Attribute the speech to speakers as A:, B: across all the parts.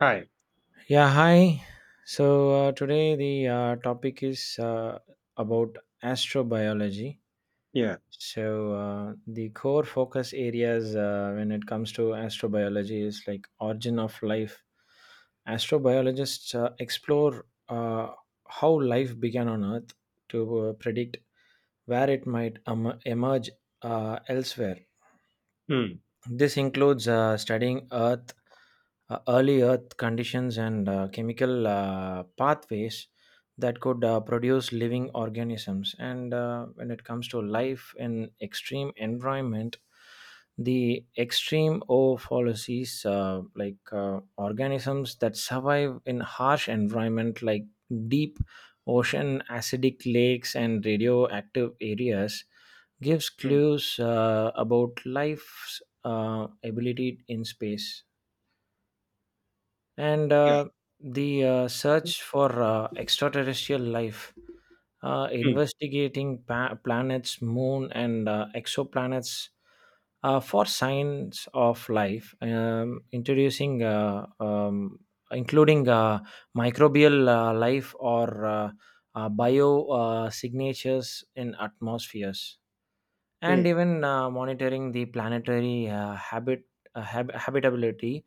A: Right.
B: Yeah, hi. So today the topic is about astrobiology.
A: Yeah.
B: So the core focus areas when it comes to astrobiology is like origin of life. Astrobiologists explore how life began on Earth to predict where it might emerge elsewhere.
A: Mm.
B: This includes studying Earth, early Earth conditions, and chemical pathways that could produce living organisms. And when it comes to life in extreme environment, the extreme oopolises, like organisms that survive in harsh environment, like deep ocean, acidic lakes, and radioactive areas, gives
A: Mm.
B: clues about life's ability in space and
A: Yeah.
B: the
A: Mm.
B: search for extraterrestrial life,
A: Mm.
B: investigating planets moon and exoplanets for signs of life, introducing including microbial life or bio signatures in atmospheres and even monitoring the planetary habitability,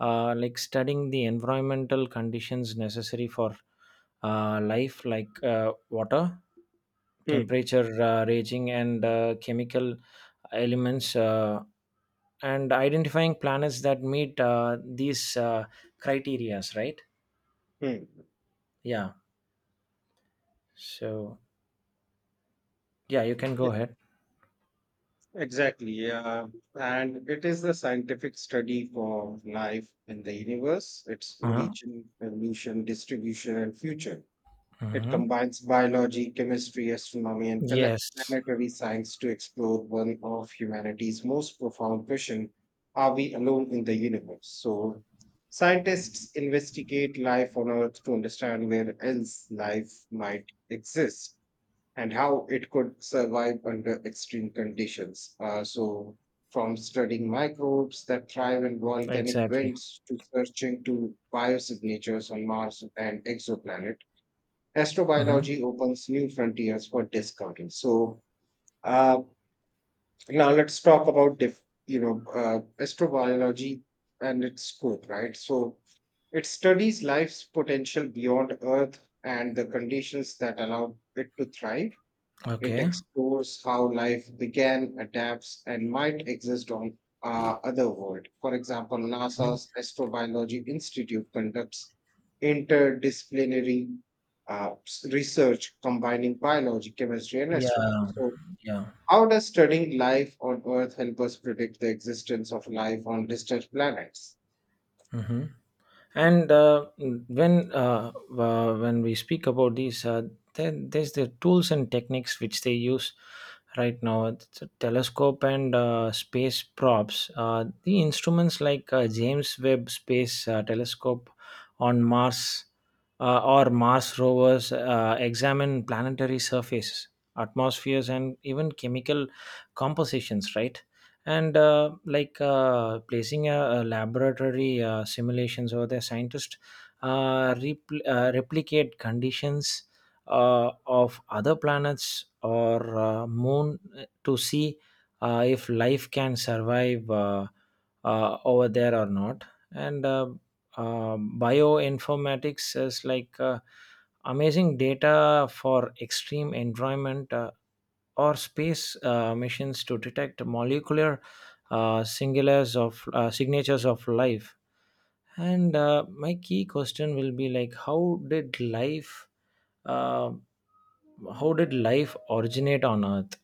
B: like studying the environmental conditions necessary for life like water
A: Mm.
B: temperature raging and chemical elements, and identifying planets that meet these criterias, right?
A: Mm.
B: Yeah. So yeah, you can go
A: Yes,
B: ahead.
A: exactly. Yeah. And it is the scientific study for life in the universe, its
B: Uh-huh.
A: origin, evolution, distribution, and future. It
B: Hmm.
A: combines biology, chemistry, astronomy, and
B: Yes.
A: planetary science to explore one of humanity's most profound questions. Are we alone in the universe? So, scientists investigate life on Earth to understand where else life might exist and how it could survive under extreme conditions. From studying microbes that thrive in volcanic
B: Exactly.
A: winds to searching to biosignatures on Mars and exoplanets,
B: Hmm.
A: astrobiology opens new frontiers for discovery. So uh, now let's talk about diff, you know astrobiology and its scope, right? So it studies life's potential beyond Earth and the conditions that allow it to thrive. It
B: Okay.
A: explores how life began, adapts, and might exist on other world. For example,
B: Mhm.
A: NASA's Astrobiology Institute conducts interdisciplinary, research combining biology, chemistry, and
B: Yeah.
A: astronomy. So,
B: Yeah.
A: how does studying life on Earth help us predict the existence of life on distant planets?
B: Hmm. And when When we speak about these, then there's the tools and techniques which they use right now. It's a telescope and space props. The instruments like James Webb Space Telescope on Mars or Mars rovers examine planetary surfaces, atmospheres, and even chemical compositions. Right, and like placing a laboratory simulations over there, scientists replicate conditions of other planets or moon to see if life can survive over there or not, and bioinformatics is like amazing data for extreme environment or space missions to detect molecular singulars of signatures of life. And my key question will be like, uh, how did life originate on Earth?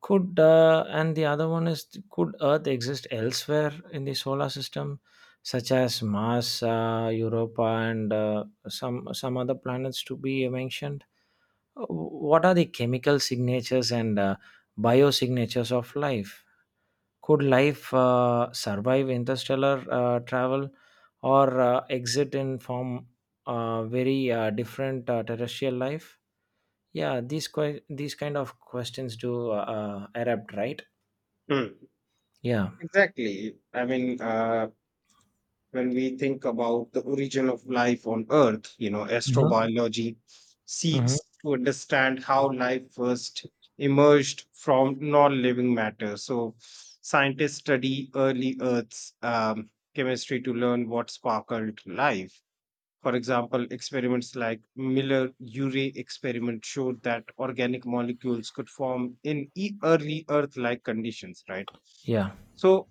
B: Could and the other one is, could Earth exist elsewhere in the solar system, such as Mars, Europa, and some other planets to be mentioned? What are the chemical signatures and biosignatures of life? Could life survive interstellar travel or exit in form very different terrestrial life? These kind of questions do erupt, right?
A: Hmm.
B: Yeah.
A: Exactly. I mean, when we think about the origin of life on earth, you know,
B: Hmm.
A: astrobiology seeks
B: Hmm.
A: to understand how life first emerged from non-living matter. So scientists study early earth's chemistry to learn what sparkled life. For example, experiments like Miller Urey experiment showed that organic molecules could form in early earth like conditions, right?
B: Yeah.
A: So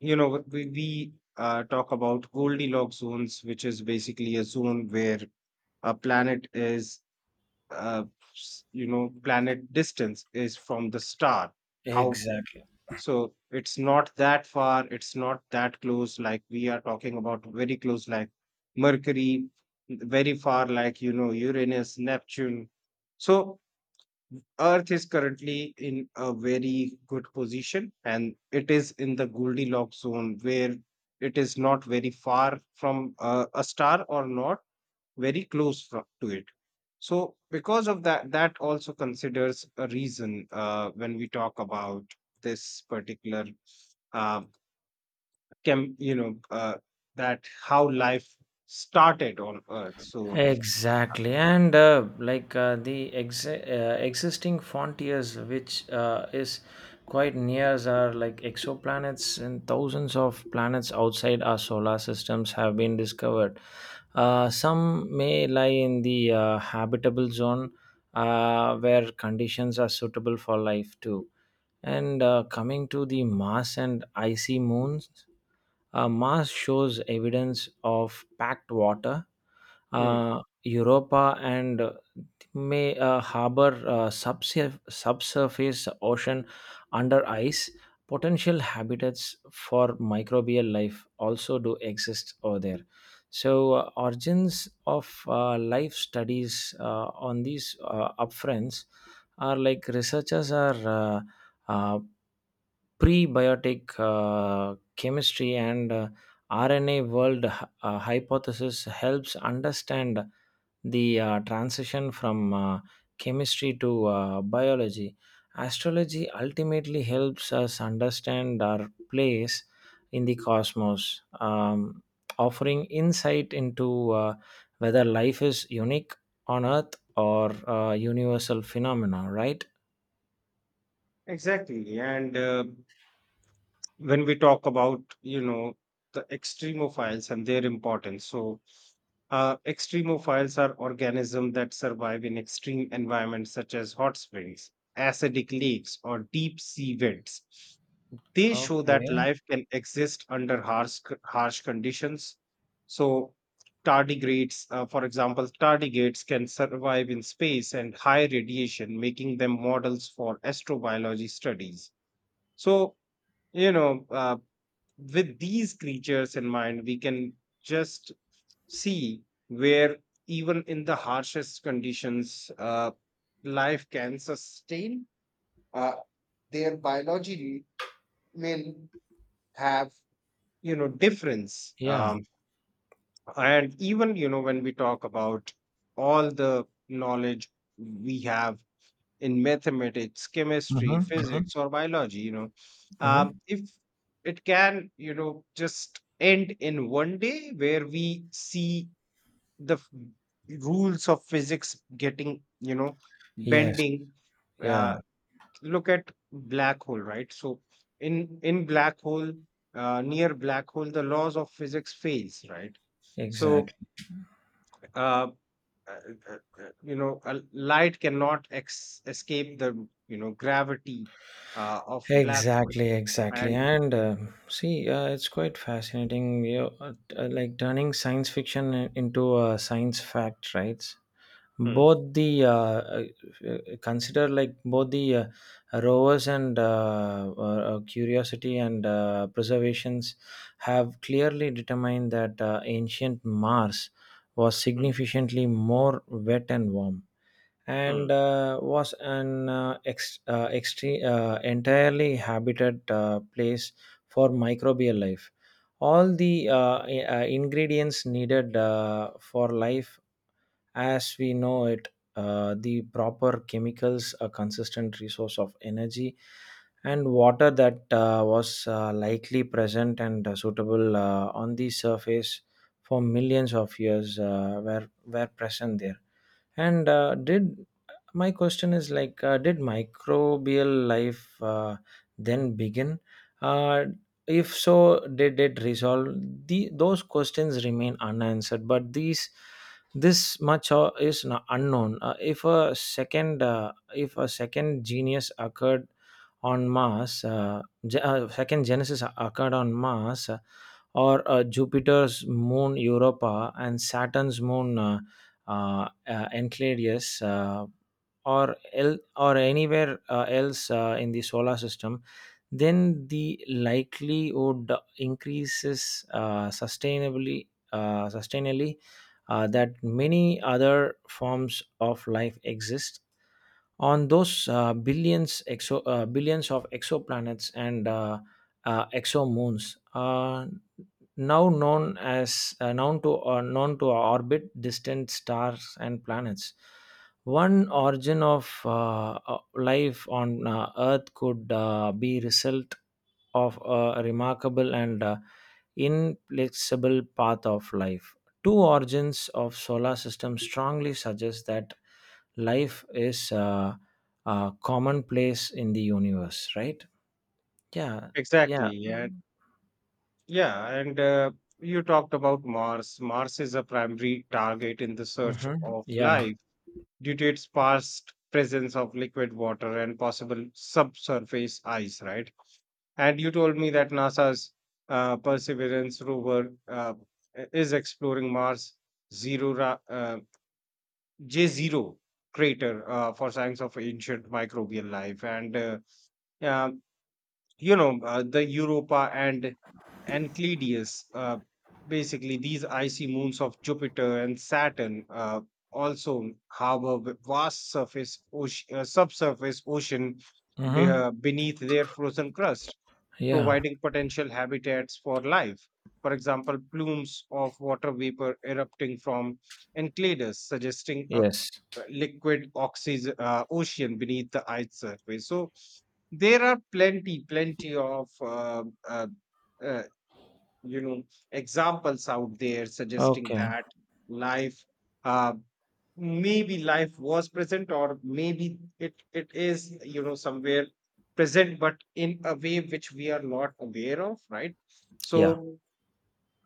A: you know, we talk about Goldilocks zones, which is basically a zone where a planet is, uh, you know, planet distance is from the star. How?
B: Exactly.
A: So it's not that far, it's not that close. Like we are talking about very close like Mercury, very far like, you know, Uranus, Neptune. So Earth is currently in a very good position and it is in the Goldilocks zone where it is not very far from, a star or not very close to it. So, because of that, that also considers a reason when we talk about this particular, uh, chem, you know, uh, that how life started on Earth. So,
B: Exactly, and like existing frontiers, which is quite near, are like exoplanets, and thousands of planets outside our solar systems have been discovered. Some may lie in the habitable zone, where conditions are suitable for life too. And coming to the Mars and icy moons, Mars shows evidence of packed water.
A: hmm,
B: Europa and may harbor subsurface ocean under ice. Potential habitats for microbial life also do exist over there. So, origins of life studies on these upfronts are like researchers are uh, prebiotic chemistry and RNA world hypothesis helps understand the transition from chemistry to biology. Astrology ultimately helps us understand our place in the cosmos, offering insight into whether life is unique on Earth or a universal phenomena. Right?
A: exactly. And when we talk about, you know, the extremophiles and their importance. So extremophiles are organisms that survive in extreme environments such as hot springs, acidic lakes, or deep sea vents. They show that
B: Okay.
A: life can exist under harsh conditions. So tardigrades, for example, tardigrades can survive in space and high radiation, making them models for astrobiology studies. So, you know, with these creatures in mind, we can just see where, even in the harshest conditions, life can sustain. Uh, their biology will have, you know, difference,
B: Yeah.
A: and even, you know, when we talk about all the knowledge we have in mathematics, chemistry,
B: Mm-hmm, mm-hmm,
A: physics, or biology, you know,
B: mm-hmm.
A: if it can, you know, just end in one day where we see the rules of physics getting, you know,
B: Yes.
A: bending.
B: Yeah.
A: Uh, look at black hole, right? So in black hole, near black hole, the laws of physics fails, right? So
B: Exactly.
A: uh, uh, uh, you know, a light cannot escape the, you know, gravity of black hole.
B: Exactly, exactly.
A: And
B: And see, it's quite fascinating. You know, like turning science fiction into a science fact, right? Both the Consider like both the rovers and curiosity and preservations have clearly determined that ancient Mars was
A: mm,
B: significantly more wet and warm and
A: mm,
B: was an entirely habited place for microbial life. All the ingredients needed for life as we know it, the proper chemicals, a consistent resource of energy, and water that was likely present and suitable on the surface for millions of years were present there. And did my question is like, did microbial life then begin? Uh, if so, did it resolve? The those questions remain unanswered, but these this much is unknown. If a second genius occurred on Mars, ge- second genesis occurred on Mars, or Jupiter's moon Europa and Saturn's moon Enceladus. Or or anywhere else in the solar system, then the likelihood increases sustainably that many other forms of life exist on those billions of exoplanets and exomoons now known as known to known to orbit distant stars and planets. One origin of life on Earth could be result of a remarkable and inflexible path of life. Two origins of solar system strongly suggest that life is commonplace in the universe. Right? Yeah. Yeah.
A: exactly. And yeah, and you talked about Mars. Mars is a primary target in the search
B: Hmm.
A: of
B: Yeah.
A: life due to its past presence of liquid water and possible subsurface ice, right? And you told me that NASA's, Perseverance rover, is exploring Mars zero ra- uh, J zero crater for signs of ancient microbial life. And yeah, you know the Europa and Enceladus. Basically, these icy moons of Jupiter and Saturn also harbor vast surface ocean, subsurface ocean
B: Hmm.
A: beneath their frozen crust,
B: Yeah.
A: providing potential habitats for life. For example, plumes of water vapor erupting from Enceladus, suggesting a
B: Yes.
A: liquid oxygen ocean beneath the ice surface. So there are plenty, plenty of uh, you know, examples out there suggesting
B: Okay.
A: that life, uh, maybe life was present, or maybe it is, you know, somewhere present, but in a way which we are not aware of, right?
B: Yeah.
A: So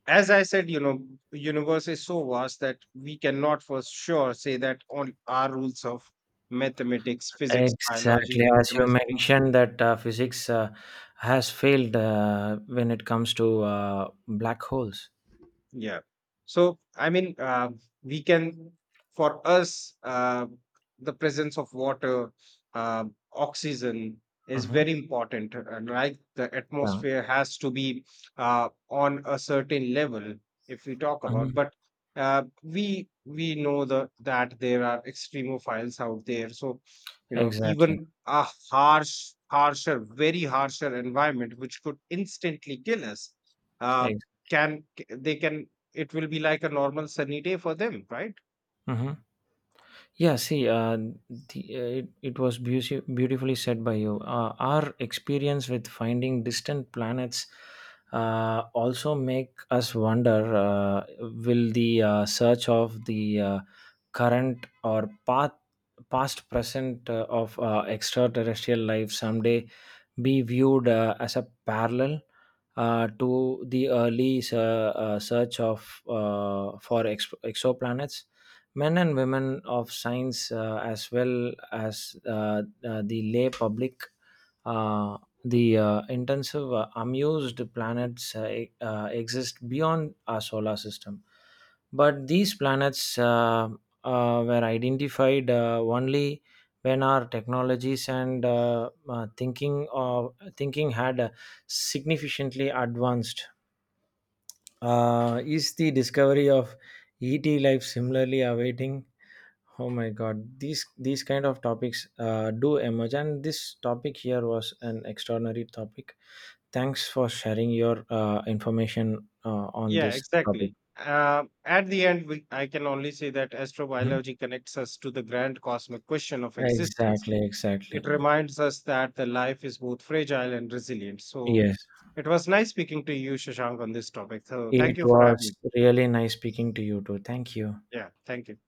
A: as I said, you know, the universe is so vast that we cannot for sure say that all our rules of mathematics, physics, biology,
B: Exactly.
A: and
B: As you
A: chemistry.
B: mentioned that physics has failed when it comes to black holes.
A: Yeah. So, I mean, we can, for us, the presence of water, uh, oxygen is
B: Mm-hmm.
A: very important. Uh, like the
B: Yeah.
A: atmosphere has to be on a certain level if we talk about.
B: Hmm.
A: But we know the that there are extremophiles out there. So, you know,
B: Exactly.
A: even a harsh, harsher, very harsher environment, which could instantly kill us. Uh,
B: Ex-
A: can it will be like a normal sunny day for them, right?
B: mhm. Yeah, see, it was beautifully said by you. Our experience with finding distant planets also make us wonder: will the search of the current or path, past, present of extraterrestrial life someday be viewed as a parallel? To the early search of exoplanets, men and women of science as well as the lay public uh, the intensive amused planets exist beyond our solar system, but these planets were identified only when our technologies and thinking had significantly advanced. Is the discovery of et life similarly awaiting? Oh my God, these kind of topics do emerge, and this topic here was an extraordinary topic. Thanks for sharing your information on
A: Yeah,
B: this topic.
A: exactly. At the end, I can only say that
B: Mhm.
A: astrobiology connects us to the grand cosmic question of existence.
B: Exactly, exactly.
A: It reminds us that the life is both fragile and resilient. So
B: Yes,
A: it was nice speaking to you, Shashank, on this topic. So thank
B: it
A: you for having
B: was
A: me.
B: really nice speaking to you too. Thank you.
A: Yeah, thank you.